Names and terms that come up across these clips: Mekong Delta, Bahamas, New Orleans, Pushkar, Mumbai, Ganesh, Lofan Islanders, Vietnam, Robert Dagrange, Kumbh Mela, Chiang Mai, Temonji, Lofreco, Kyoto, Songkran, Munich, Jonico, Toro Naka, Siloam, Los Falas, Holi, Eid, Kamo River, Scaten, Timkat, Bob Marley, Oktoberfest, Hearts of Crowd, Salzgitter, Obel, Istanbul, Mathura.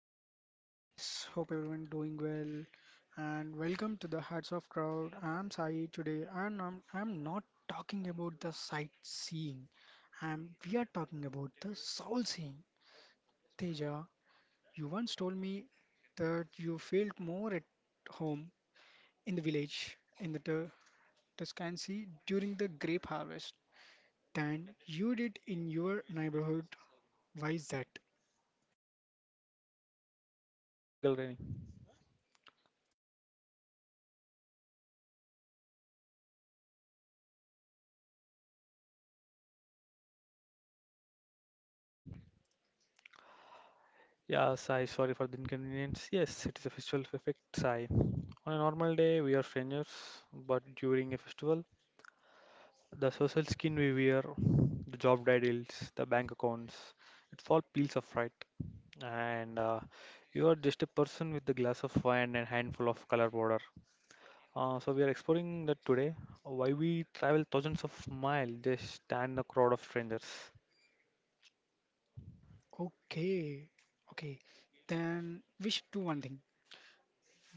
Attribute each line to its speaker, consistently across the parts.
Speaker 1: Hello guys, hope everyone doing well and welcome to the Hearts of Crowd. I'm Sai today and I'm not talking about the sightseeing. I'm We are talking about the soul seeing. Teja, you once told me that you felt more at home in the village in the Tuscancy during the grape harvest than you did in your neighborhood. Why is that?
Speaker 2: Vertical raining. Yeah, Sai, sorry for the inconvenience. Yes, it is a festival effect, Sai. On a normal day, we are strangers, but during a festival, the social skin we wear, the job titles, the bank accounts, it's all peels of fright. And You are just a person with a glass of wine and handful of color powder. So we are exploring that today. Why we travel thousands of miles just stand a crowd of strangers.
Speaker 1: Okay. Okay. Then we should do one thing.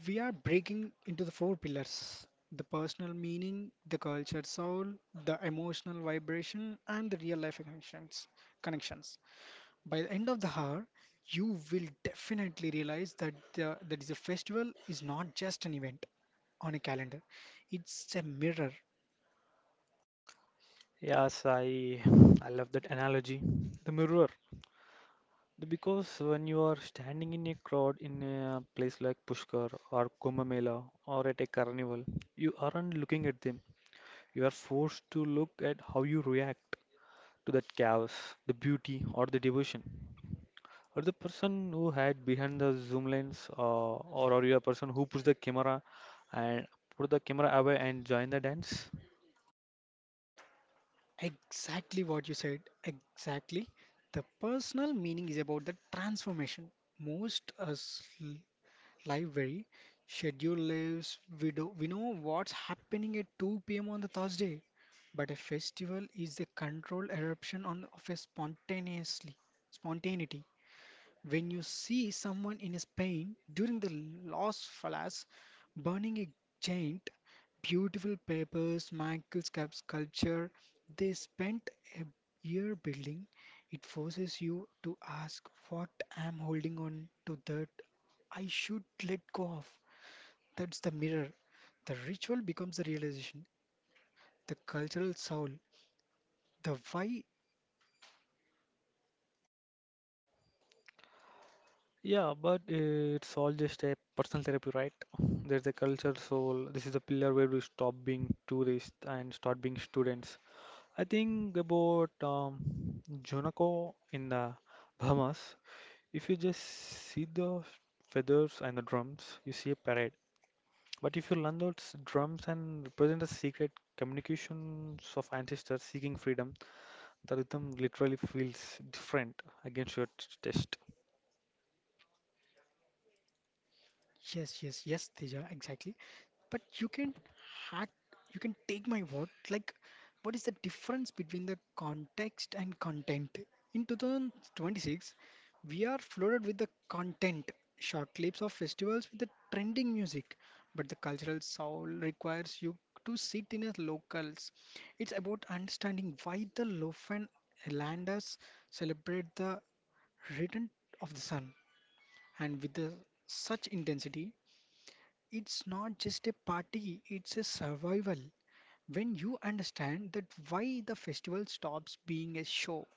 Speaker 1: We are breaking into the four pillars, the personal meaning, the cultured soul, the emotional vibration, and the real life connections. By the end of the hour, you will definitely realize that the, that is a festival is not just an event on a calendar, it's a mirror.
Speaker 2: Yes, I I love that analogy. The mirror. Because when you are standing in a crowd in a place like Pushkar or Kumbh Mela or at a carnival, you aren't looking at them. You are forced to look at how you react to that chaos, the beauty or the devotion, or the person who had behind the zoom lens, or you are a person who pushed the camera and put the camera away and join the dance.
Speaker 1: Exactly what you said, exactly. The personal meaning is about the transformation. Most us library schedule lives. We know what's happening at 2 p.m. on the Thursday, but a festival is the controlled eruption on of a spontaneously spontaneity. When you see someone in Spain during the Los Falas burning a giant, beautiful papers, Michael's cap sculpture they spent a year building, it forces you to ask what I'm holding on to that I should let go of. That's the mirror. The ritual becomes the realization, the cultural soul, the why.
Speaker 2: Yeah, but it's all just a personal therapy, right? There's a culture, so this is a pillar where we stop being tourists and start being students. I think about Jonico in the Bahamas. If you just see the feathers and the drums, you see a parade. But if you learn those drums and represent the secret communications of ancestors seeking freedom, the rhythm literally feels different against your test.
Speaker 1: Yes, yes, yes, Teja, exactly. But you can hack, you can take my word. Like, what is the difference between the context and content? In 2026, we are flooded with the content, short clips of festivals with the trending music. But the cultural soul requires you to sit in as locals. It's about understanding why the Lofan Islanders celebrate the return of the sun and with the, such intensity it's not just a party, it's a survival. When you understand that why the festival stops being a show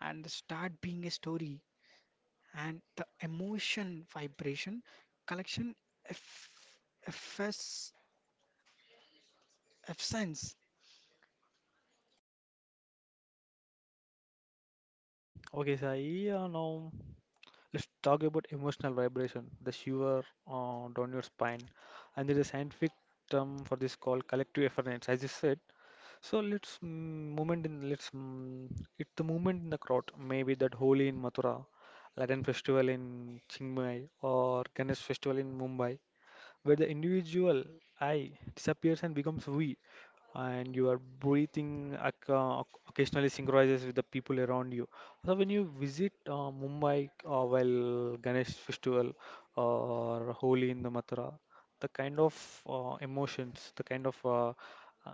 Speaker 1: and start being a story and the emotion vibration collection eff- effes- essence.
Speaker 2: Okay, Sai, now. Let's talk about emotional vibration, the shiver down your spine. And there is a scientific term for this called collective efference, as you said. So let's mm, movement in let's mm, It's the movement in the crowd. Maybe that Holi in Mathura, Latin festival in Chiang Mai, or Ganesh festival in Mumbai where the individual I disappears and becomes we, and your breathing occasionally synchronizes with the people around you. So when you visit Mumbai while Ganesh festival or Holi in the Mathura, the kind of emotions, uh,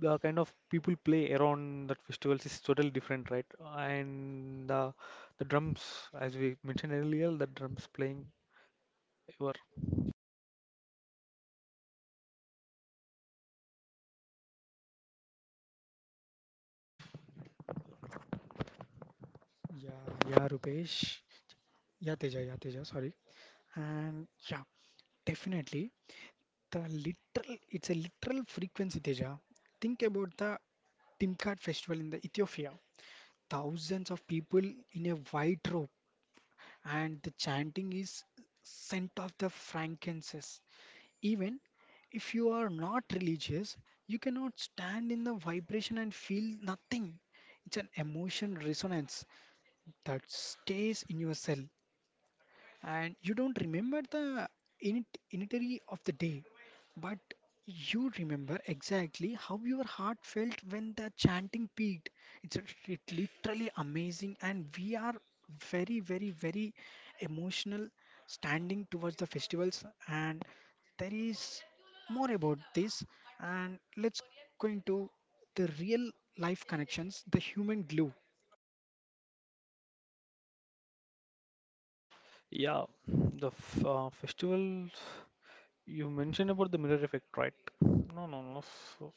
Speaker 2: the kind of people play around that festivals is totally different, right? And the drums, as we mentioned earlier, the drums playing were.
Speaker 1: Yeah, yeah, Rupesh. Yeah, Teja, sorry. And yeah, definitely the literal it's a literal frequency, Teja. Think about the Timkat festival in the Ethiopia. Thousands of people in a white robe and the chanting is scent of the frankincense. Even if you are not religious, you cannot stand in the vibration and feel nothing. It's an emotion resonance that stays in your cell and you don't remember the initiatory of the day, but you remember exactly how your heart felt when the chanting peaked. It literally amazing, and we are very, very, very emotional standing towards the festivals. And there is more about this, and let's go into the real life connections, the human glue.
Speaker 2: Yeah, the f festival you mentioned about the mirror effect, right? No, no, no. So,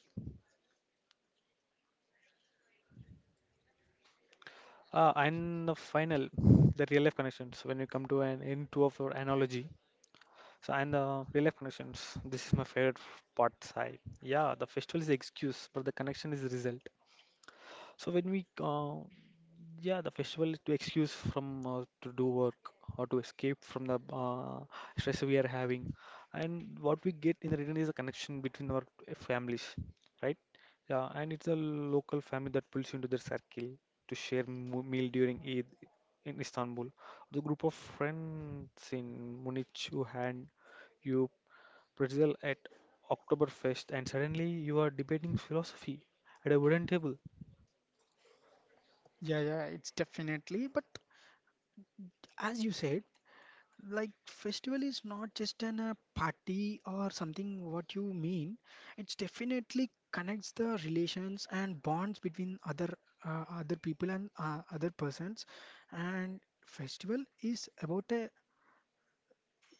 Speaker 2: uh, and the final, the real life connections. When you come to an end two of your analogy, so and the real life connections. This is my favorite part, Sai. Yeah, the festival is the excuse, but the connection is the result. So when we Yeah, the festival is to excuse from to do work or to escape from the stress we are having. And what we get in the return is a connection between our families, right? Yeah, and it's a local family that pulls you into their circle to share meal during Eid in Istanbul. The group of friends in Munich who hand you pretzel at Oktoberfest, and suddenly you are debating philosophy at a wooden table.
Speaker 1: Yeah, yeah, it's definitely. But as you said, like festival is not just an a party or something what you mean. It's definitely connects the relations and bonds between other other people and other persons. And festival is about a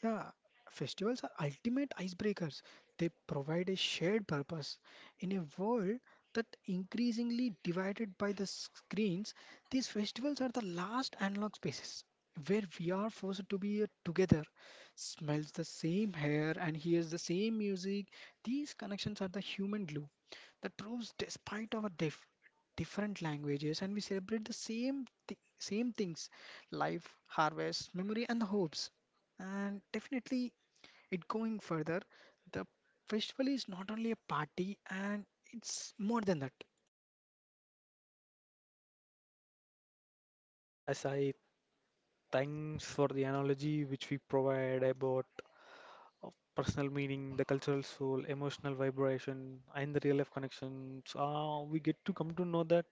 Speaker 1: yeah, festivals are ultimate icebreakers. They provide a shared purpose. In a world that increasingly divided by the screens, these festivals are the last analog spaces where we are forced to be together, smells the same hair and hears the same music. These connections are the human glue that proves despite our different languages and we celebrate the same things, life, harvest, memory and the hopes. And definitely, it going further, the festival is not only a party, and it's more than that.
Speaker 2: Yes, I Thanks for the analogy which we provide about uh, personal meaning, the cultural soul, emotional vibration, and the real life connections. We get to come to know that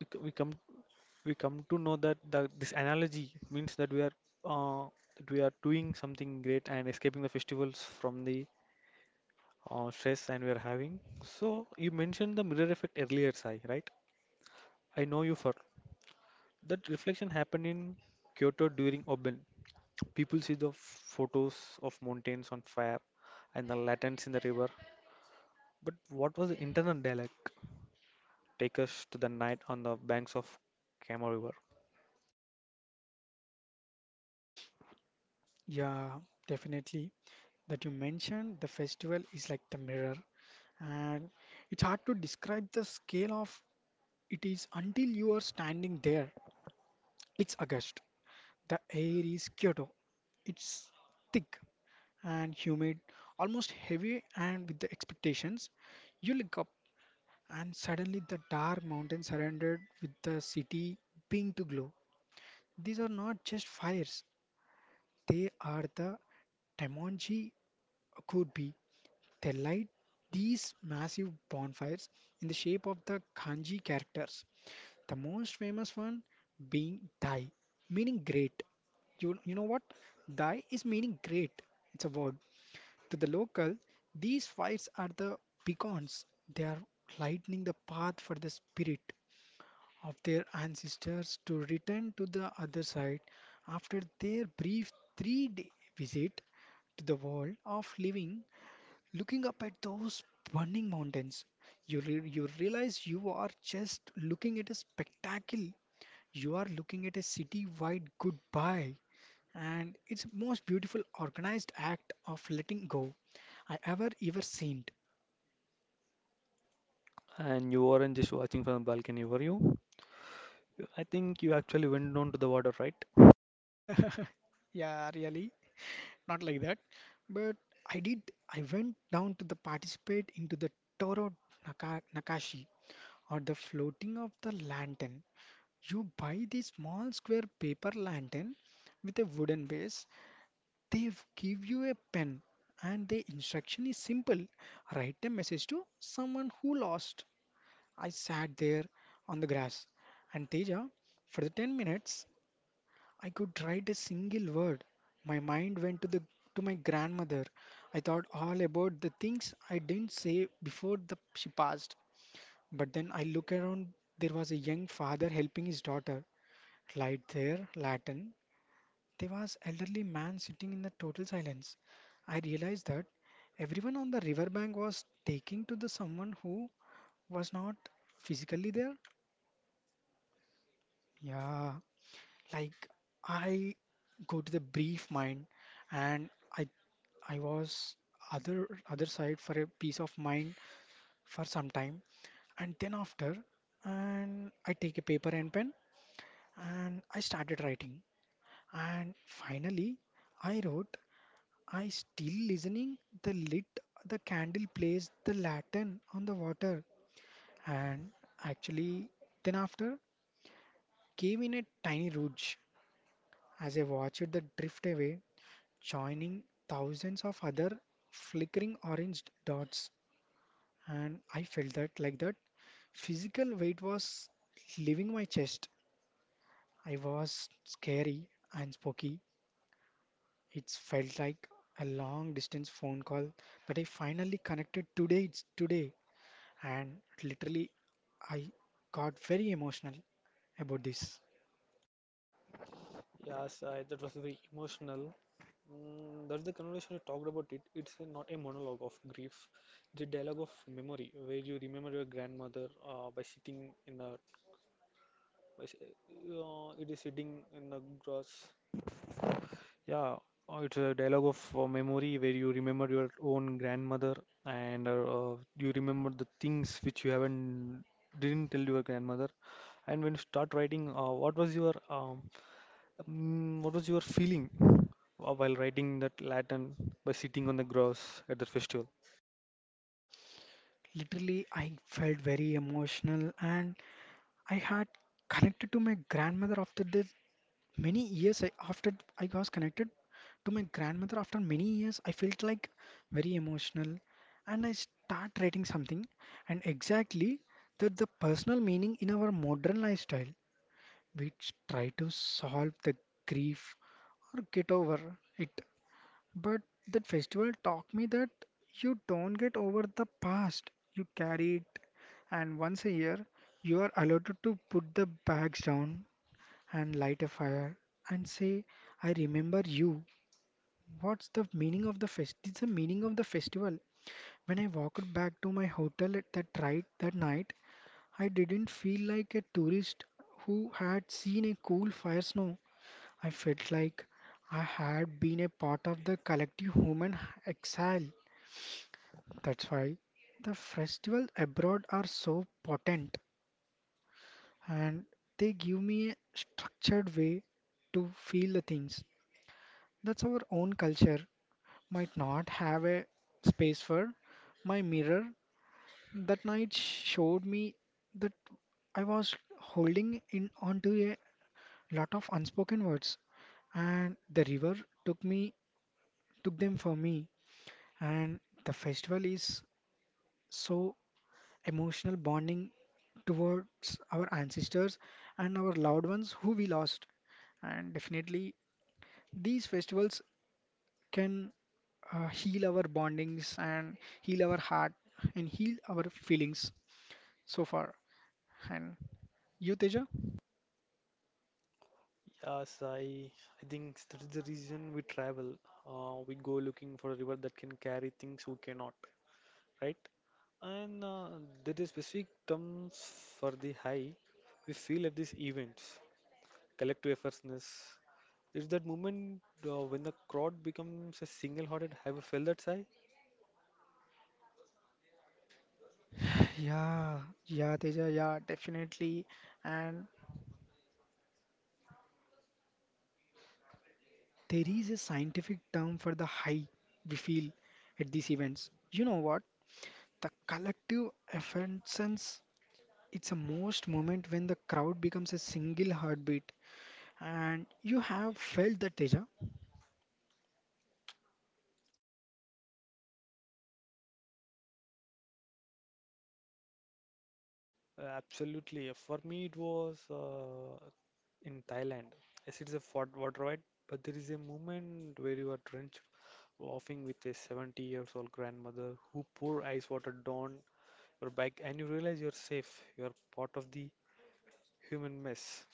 Speaker 2: we, c- we come to know that this analogy means uh, that we are doing something great and escaping the festivals from the stress and we are having. So you mentioned the mirror effect earlier, Sai, right? I know you for. That reflection happened in Kyoto during Obel. People see the photos of mountains on fire and the lanterns in the river. But what was the internal dialogue? Take us to the night on the banks of Kamo River.
Speaker 1: Yeah, definitely. That you mentioned, the festival is like the mirror, and it's hard to describe the scale of it is until you are standing there. It's August. The air is Kyoto. It's thick and humid, almost heavy, and with the expectations. You look up and suddenly the dark mountain surrendered with the city being to glow. These are not just fires, they are the Temonji could be. They light these massive bonfires in the shape of the kanji characters, the most famous one being Dai, meaning great. You know what? Dai is meaning great. It's a verb. To the local, these fires are the beacons. They are lightening the path for the spirit of their ancestors to return to the other side after their brief 3 day visit to the world of living. Looking up at those burning mountains, you realize you are just looking at a spectacle. You are looking at a city wide goodbye. And it's the most beautiful organized act of letting go I ever ever seen.
Speaker 2: And you weren't just watching from the balcony, were you? I think you actually went down to the water, right?
Speaker 1: yeah, really. Not like that. But I did. I went down to the participate into the Toro Nakashi or the floating of the lantern. You buy the small square paper lantern with a wooden base. They give you a pen, and the instruction is simple: write a message to someone who lost. I sat there on the grass, and Teja, for the 10 minutes, I could write a single word. My mind went to the to my grandmother. I thought all about the things I didn't say before she passed. But then I look around. There was a young father helping his daughter. Light there, Latin. There was elderly man sitting in the total silence. I realized that everyone on the riverbank was taking to the someone who was not physically there. Yeah, like I go to the brief mind and I I was other side for a peace of mind for some time and then after and I take a paper and pen and I started writing and finally I wrote I still listening the candle plays the lantern on the water and actually then after came in a tiny rouge as I watched the drift away joining thousands of other flickering orange dots. And I felt that like that physical weight was leaving my chest. I was scary and spooky. It felt like a long distance phone call that I finally connected today. It's today. And literally, I got very emotional about this.
Speaker 2: That was very emotional. That's the conversation you talked about it. It's a, not a monologue of grief, it's a dialogue of memory where you remember your grandmother by sitting in a It is sitting in the grass. Yeah, it's a dialogue of memory where you remember your own grandmother and you remember the things which you haven't didn't tell your grandmother. And when you start writing, what was your what was your feeling while writing that Latin by sitting on the grass at the festival?
Speaker 1: Literally, I felt very emotional and I had connected to my grandmother after this Many years I, after I was connected to my grandmother, after many years, I felt like very emotional and I start writing something and exactly that the personal meaning in our modern lifestyle, which try to solve the grief or get over it. But that festival taught me that you don't get over the past, you carry it, and once a year you are allowed to put the bags down and light a fire and say, I remember you. What's the meaning of the fest? It's the meaning of the festival. When I walked back to my hotel at that night, I didn't feel like a tourist who had seen a cool fire snow. I felt like I had been a part of the collective human exile. That's why the festivals abroad are so potent and they give me a structured way to feel the things that's our own culture might not have a space for. My mirror that night showed me that I was holding in onto a lot of unspoken words, and the river took me took them for me. And the festival is so emotional bonding towards our ancestors and our loved ones who we lost. And definitely, these festivals can heal our bondings and heal our heart and heal our feelings so far. And you, Teja?
Speaker 2: Yes, I I think that is the reason we travel. We go looking for a river that can carry things we cannot, right? And there is specific terms for the high we feel at these events. Collective effortness. It's that moment when the crowd becomes a single-hearted. Have you felt that, Sai?
Speaker 1: Yeah, yeah, Teja, yeah, definitely. And there is a scientific term for the high we feel at these events. You know what? The collective effervescence. It's a most moment when the crowd becomes a single heartbeat. And you have felt that, Teja?
Speaker 2: Absolutely. For me, it was in Thailand. Yes, it is a fort water ride, but there is a moment where you are drenched, laughing with a 70 years old grandmother who pour ice water down your back, and you realize you're safe. You're part of the human mess.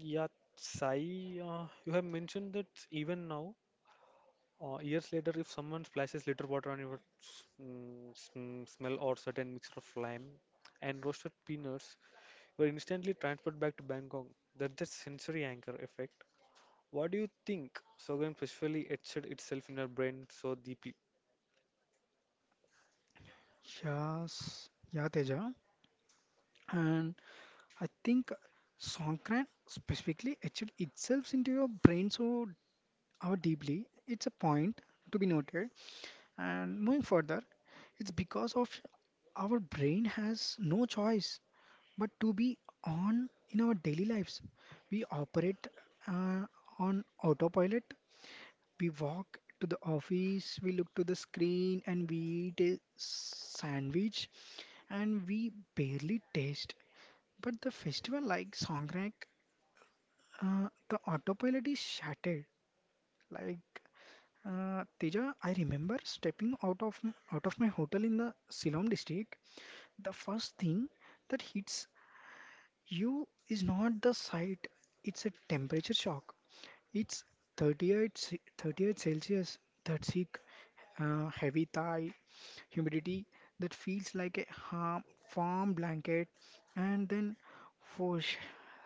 Speaker 2: Yeah, Sai, you have mentioned that even now, years later, if someone splashes little water on your smell or certain mixture of lime and roasted peanuts, you are instantly transferred back to Bangkok. That's the sensory anchor effect. What do you think sorghum specifically etched itself in your brain so deeply?
Speaker 1: Yes, yeah, Teja. And I think Songkran specifically etched itself into your brain so how deeply. It's a point to be noted. And moving further, it's because of our brain has no choice but to be on in our daily lives. We operate uh, on autopilot. We walk to the office, we look to the screen, and we eat a sandwich, and we barely taste. But the festival like Songkran, uh, the autopilot is shattered. Like Teja, I remember stepping out of out of my hotel in the Siloam district. The first thing that hits you is not the sight; it's a temperature shock. It's 38 Celsius. That sick, heavy Thai humidity that feels like a warm blanket, and then whoosh,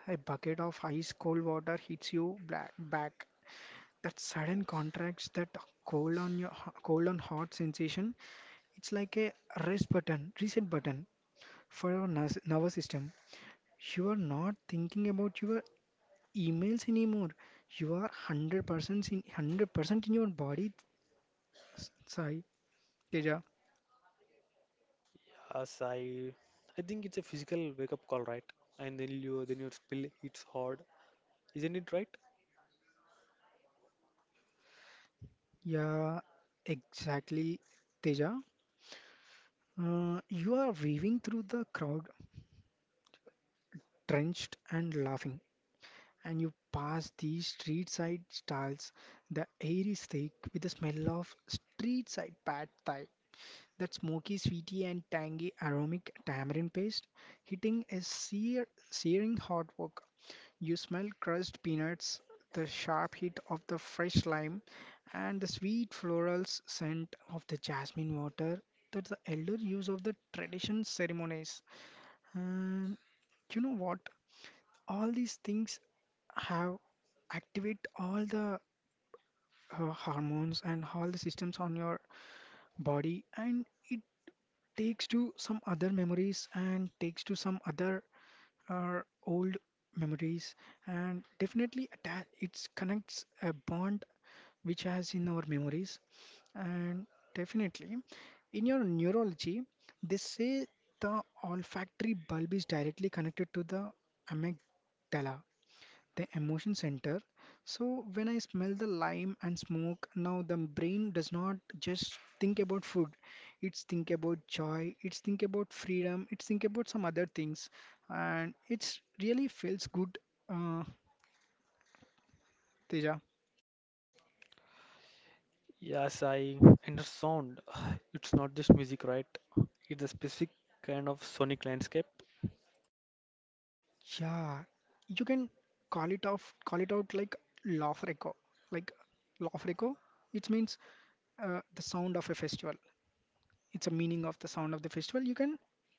Speaker 1: a bucket of ice cold water hits you black back. That sudden contracts that cold on your cold on hot sensation it's like a rest button reset button for your nervous system. You are not thinking about your emails anymore, you are 100% in your body. S- sai teja
Speaker 2: Sai, I think it's a physical wake-up call, right? And then you then your spill hits hard, isn't it right?
Speaker 1: Yeah, exactly, Teja. Uh, you are weaving through the crowd drenched and laughing and you pass the street side stalls. The air is thick with the smell of street side pad thai, that smoky, sweety, and tangy aromatic tamarind paste hitting a searing hot wok. You smell crushed peanuts, the sharp heat of the fresh lime, and the sweet floral scent of the jasmine water that the elder use of the tradition ceremonies. And you know what? All these things have activate all the hormones and all the systems on your body, and it takes to some other memories and takes to some other uh, old memories, and definitely attach it connects a bond which has in our memories. And definitely, in your neurology, they say the olfactory bulb is directly connected to the amygdala, the emotion center. So when I smell the lime and smoke, now the brain does not just think about food. It's think about joy. It's think about freedom. It's think about some other things, and it's really feels good, uh, Teja.
Speaker 2: Yes, I And the sound. It's not just music, right? It's a specific kind of sonic landscape.
Speaker 1: Yeah, you can call it off, call it out like Lofreco, like Lofreco. It means the sound of a festival. It's a meaning of the sound of the festival. You can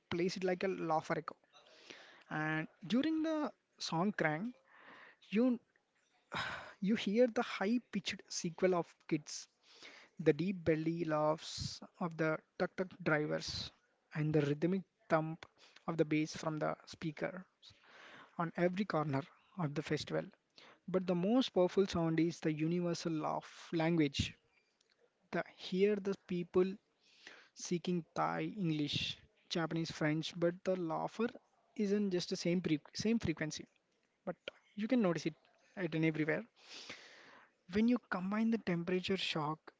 Speaker 1: place it like a Lofreco. And during the song Krang, you you hear the high-pitched sequel of kids, the deep belly laughs of the tuk-tuk drivers, and the rhythmic thump of the bass from the speaker on every corner of the festival. But the most powerful sound is the universal laugh language. The here the people seeking Thai, English, Japanese, French, but the laugher isn't just the same frequency, but you can notice it in everywhere. When you combine the temperature shock,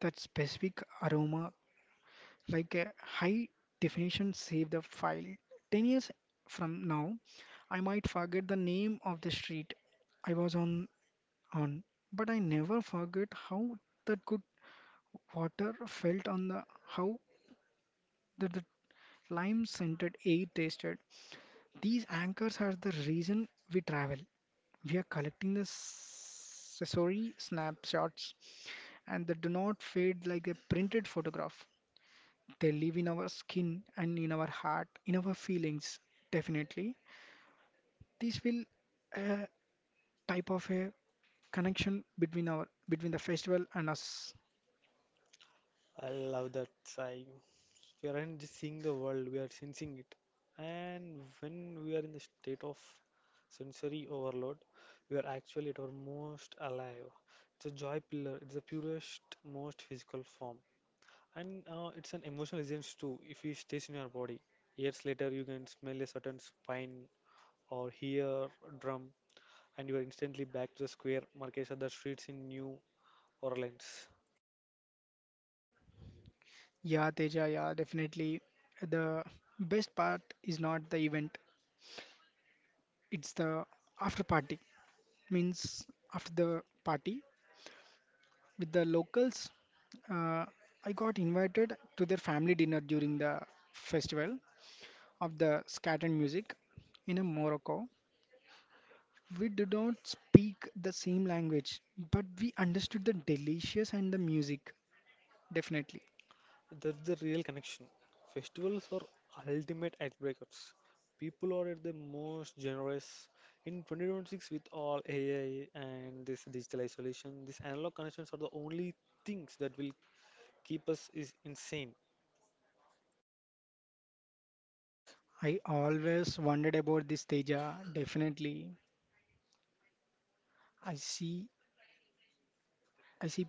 Speaker 1: that specific aroma, like a high definition save the file. 10 years from now, I might forget the name of the street I was on, but I never forget how that good water felt on the how that the lime scented air tasted. These anchors are the reason we travel. We are collecting the accessory snapshots, and they do not fade like a printed photograph. They live in our skin and in our heart, in our feelings, definitely. This will a type of a connection between our between the festival and us.
Speaker 2: I love that sighing. We aren't just seeing the world, we are sensing it. And when we are in the state of sensory overload, we are actually at our most alive. It's a joy pillar, it's the purest, most physical form. And it's an emotional essence too, if it stays in your body. Years later, you can smell a certain spine or hear a drum and you are instantly back to the square markets and the streets in New Orleans.
Speaker 1: Yeah, Teja, yeah, definitely. The best part is not the event, it's the after party. Means after the party, with the locals. Uh, I got invited to their family dinner during the festival of the Scaten music in a Morocco. We did not speak the same language, but we understood the delicious and the music, definitely.
Speaker 2: That's the real connection. Festivals are ultimate icebreakers. People are at their most generous in 2026 with all AI and this digital isolation. These analog connections are the only things that will keep us is insane.
Speaker 1: I always wondered about this, Teja, definitely. I see I see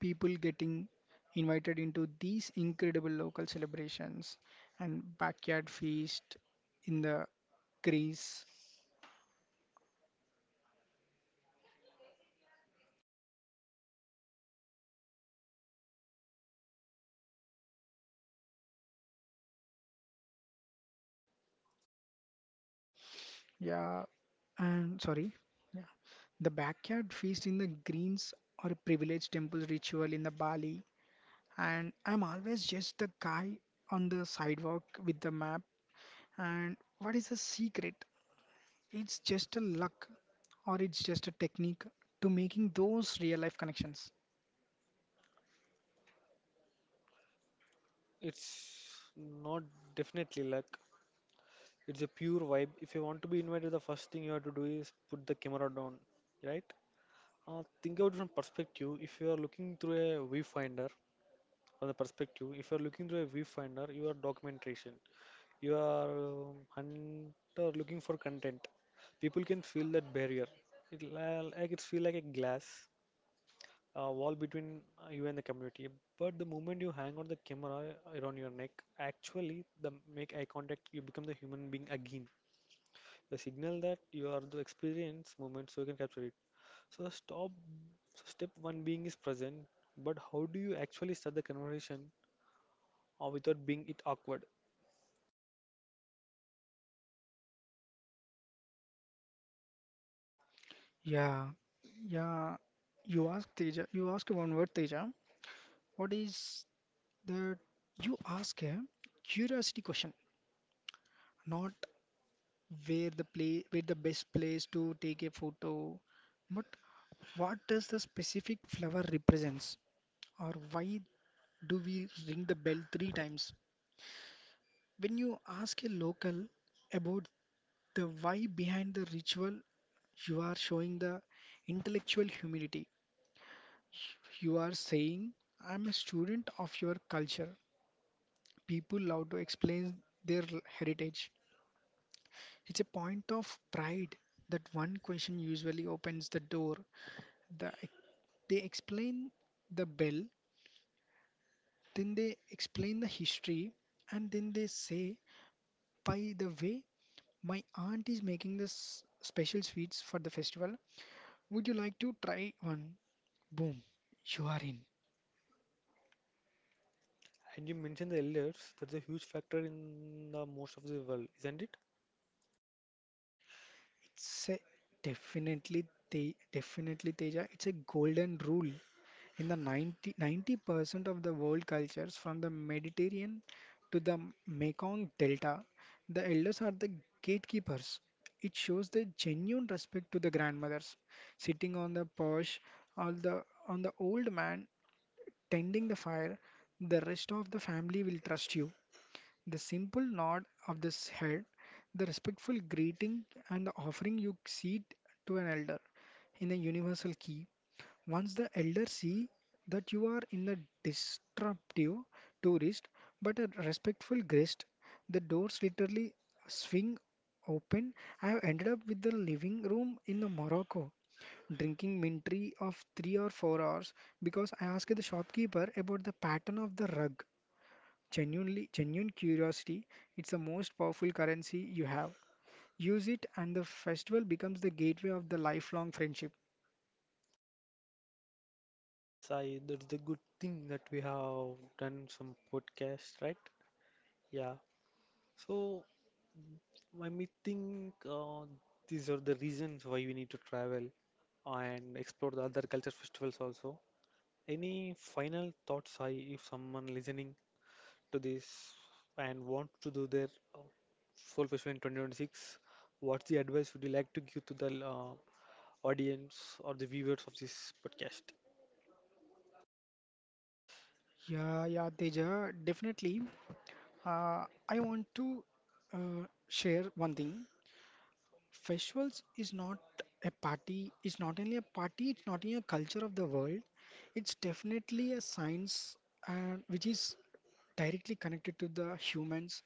Speaker 1: people getting invited into these incredible local celebrations and backyard feast in the Greece. Yeah, and sorry, the backyard feast in the greens or a privileged temple ritual in the Bali. And I'm always just the guy on the sidewalk with the map. And what is the secret? It's just a luck, or it's just a technique to making those real life connections.
Speaker 2: It's not definitely luck. It's a pure vibe. If you want to be invited, the first thing you have to do is put the camera down, right? Think about it from perspective. If you are looking through a viewfinder, From the perspective, if you are looking through a viewfinder, you are documentation. You are hunter looking for content. People can feel that barrier. It like it feel like a glass wall between you and the community. But the moment you hang on the camera around your neck, actually, the make eye contact, you become the human being again. The signal that you are the experience moment, so you can capture it. So stop so step one being is present, but how do you actually start the conversation or without being it awkward?
Speaker 1: Yeah, yeah. You ask, Teja, you ask one word, Teja. What is the you ask a curiosity question, not where the play where the best place to take a photo. But what does the specific flower represents, or why do we ring the bell three times? When you ask a local about the why behind the ritual, you are showing the intellectual humility. You are saying, I'm a student of your culture. People love to explain their heritage. It's a point of pride that one question usually opens the door. the, they explain the bell, then they explain the history, and then they say, by the way, my aunt is making this special sweets for the festival. Would you like to try one? Boom, you are in.
Speaker 2: And you mentioned the elders, that's a huge factor in the most of the world, isn't it?
Speaker 1: It's a, definitely, they definitely, Teja. It's a golden rule. In the ninety percent of the world cultures, from the Mediterranean to the Mekong Delta, the elders are the gatekeepers. It shows the genuine respect to the grandmothers, sitting on the porch, or the on the old man tending the fire. The rest of the family will trust you. The simple nod of this head, the respectful greeting, and the offering you seat to an elder in a universal key once the elders see that you are in a disruptive tourist but a respectful guest, the doors literally swing open. I have ended up with the living room in the Morocco, drinking mint tea of 3 or 4 hours because I asked the shopkeeper about the pattern of the rug. Genuine curiosity. It's the most powerful currency you have. Use it, and the festival becomes the gateway of the lifelong friendship.
Speaker 2: Yes, I That's the good thing that we have done some podcast, right? Yeah. So I may think these are the reasons why we need to travel and explore the other culture festivals also. Any final thoughts, if someone listening to this and want to do their uh, soul festival in 2026, what's the advice would you like to give to the audience or the viewers of this podcast?
Speaker 1: Yeah, yeah, Teja, definitely. I want to share one thing. Festivals is not a party. It's not only a party. It's not only a culture of the world. It's definitely a science, which is directly connected to the humans,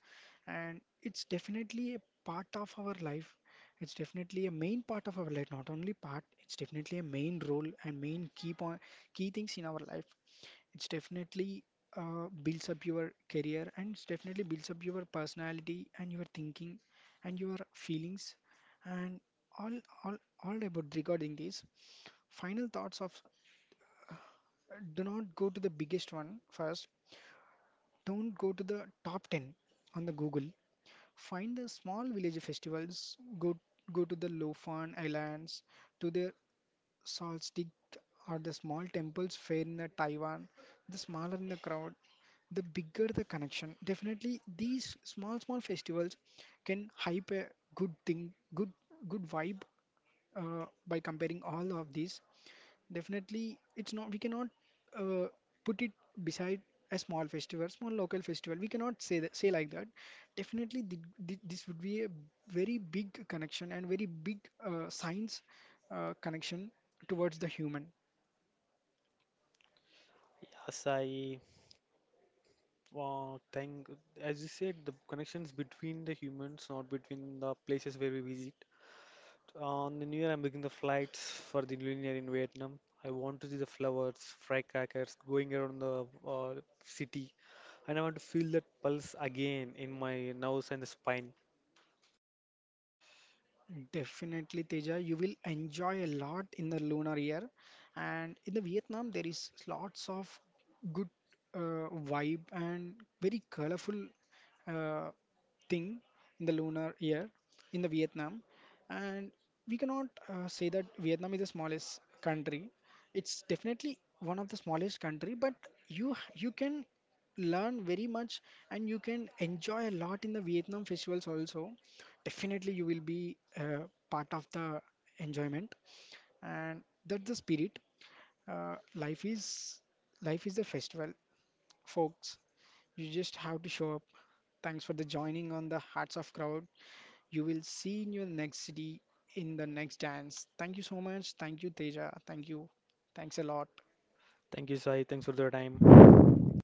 Speaker 1: and it's definitely a part of our life. It's definitely a main part of our life, not only part. It's definitely a main role and main key point, key things in our life. It's definitely builds up your career, and it's definitely builds up your personality and your thinking and your feelings and all all all about regarding these. Final thoughts of do not go to the biggest one first. Don't go to the top 10 on the Google. Find the small village festivals. Go to the Lofan Islands, to the Salt Salzgitter are the small temples fair in the Taiwan. The smaller in the crowd, the bigger the connection. Definitely, these small small festivals can hype a good thing, good good vibe by comparing all of these, definitely it's not we cannot uh, put it beside a small festival, small local festival. We cannot say that, say like that. Definitely, th th this would be a very big connection and very big science connection towards the human.
Speaker 2: Yes, I uh, thank, as you said, the connections between the humans, not between the places where we visit. On the new year, I'm booking the flights for the new year in Vietnam. I want to see the flowers, firecrackers going around the city, and I want to feel that pulse again in my nose and the spine.
Speaker 1: Definitely, Teja, you will enjoy a lot in the lunar year. And in the Vietnam, there is lots of good vibe and very colorful uh, thing in the lunar year in the Vietnam. And we cannot say that Vietnam is the smallest country. It's definitely one of the smallest country, but you can learn very much, and you can enjoy a lot in the Vietnam festivals also. Definitely you will be part of the enjoyment, and that's the spirit. Life is a festival, folks. You just have to show up. Thanks for the joining on the hearts of crowd. You will see in your next city, in the next dance. Thank you so much. Thank you, Teja. Thank you. Thanks a lot.
Speaker 2: Thank you, Sai. Thanks for the time.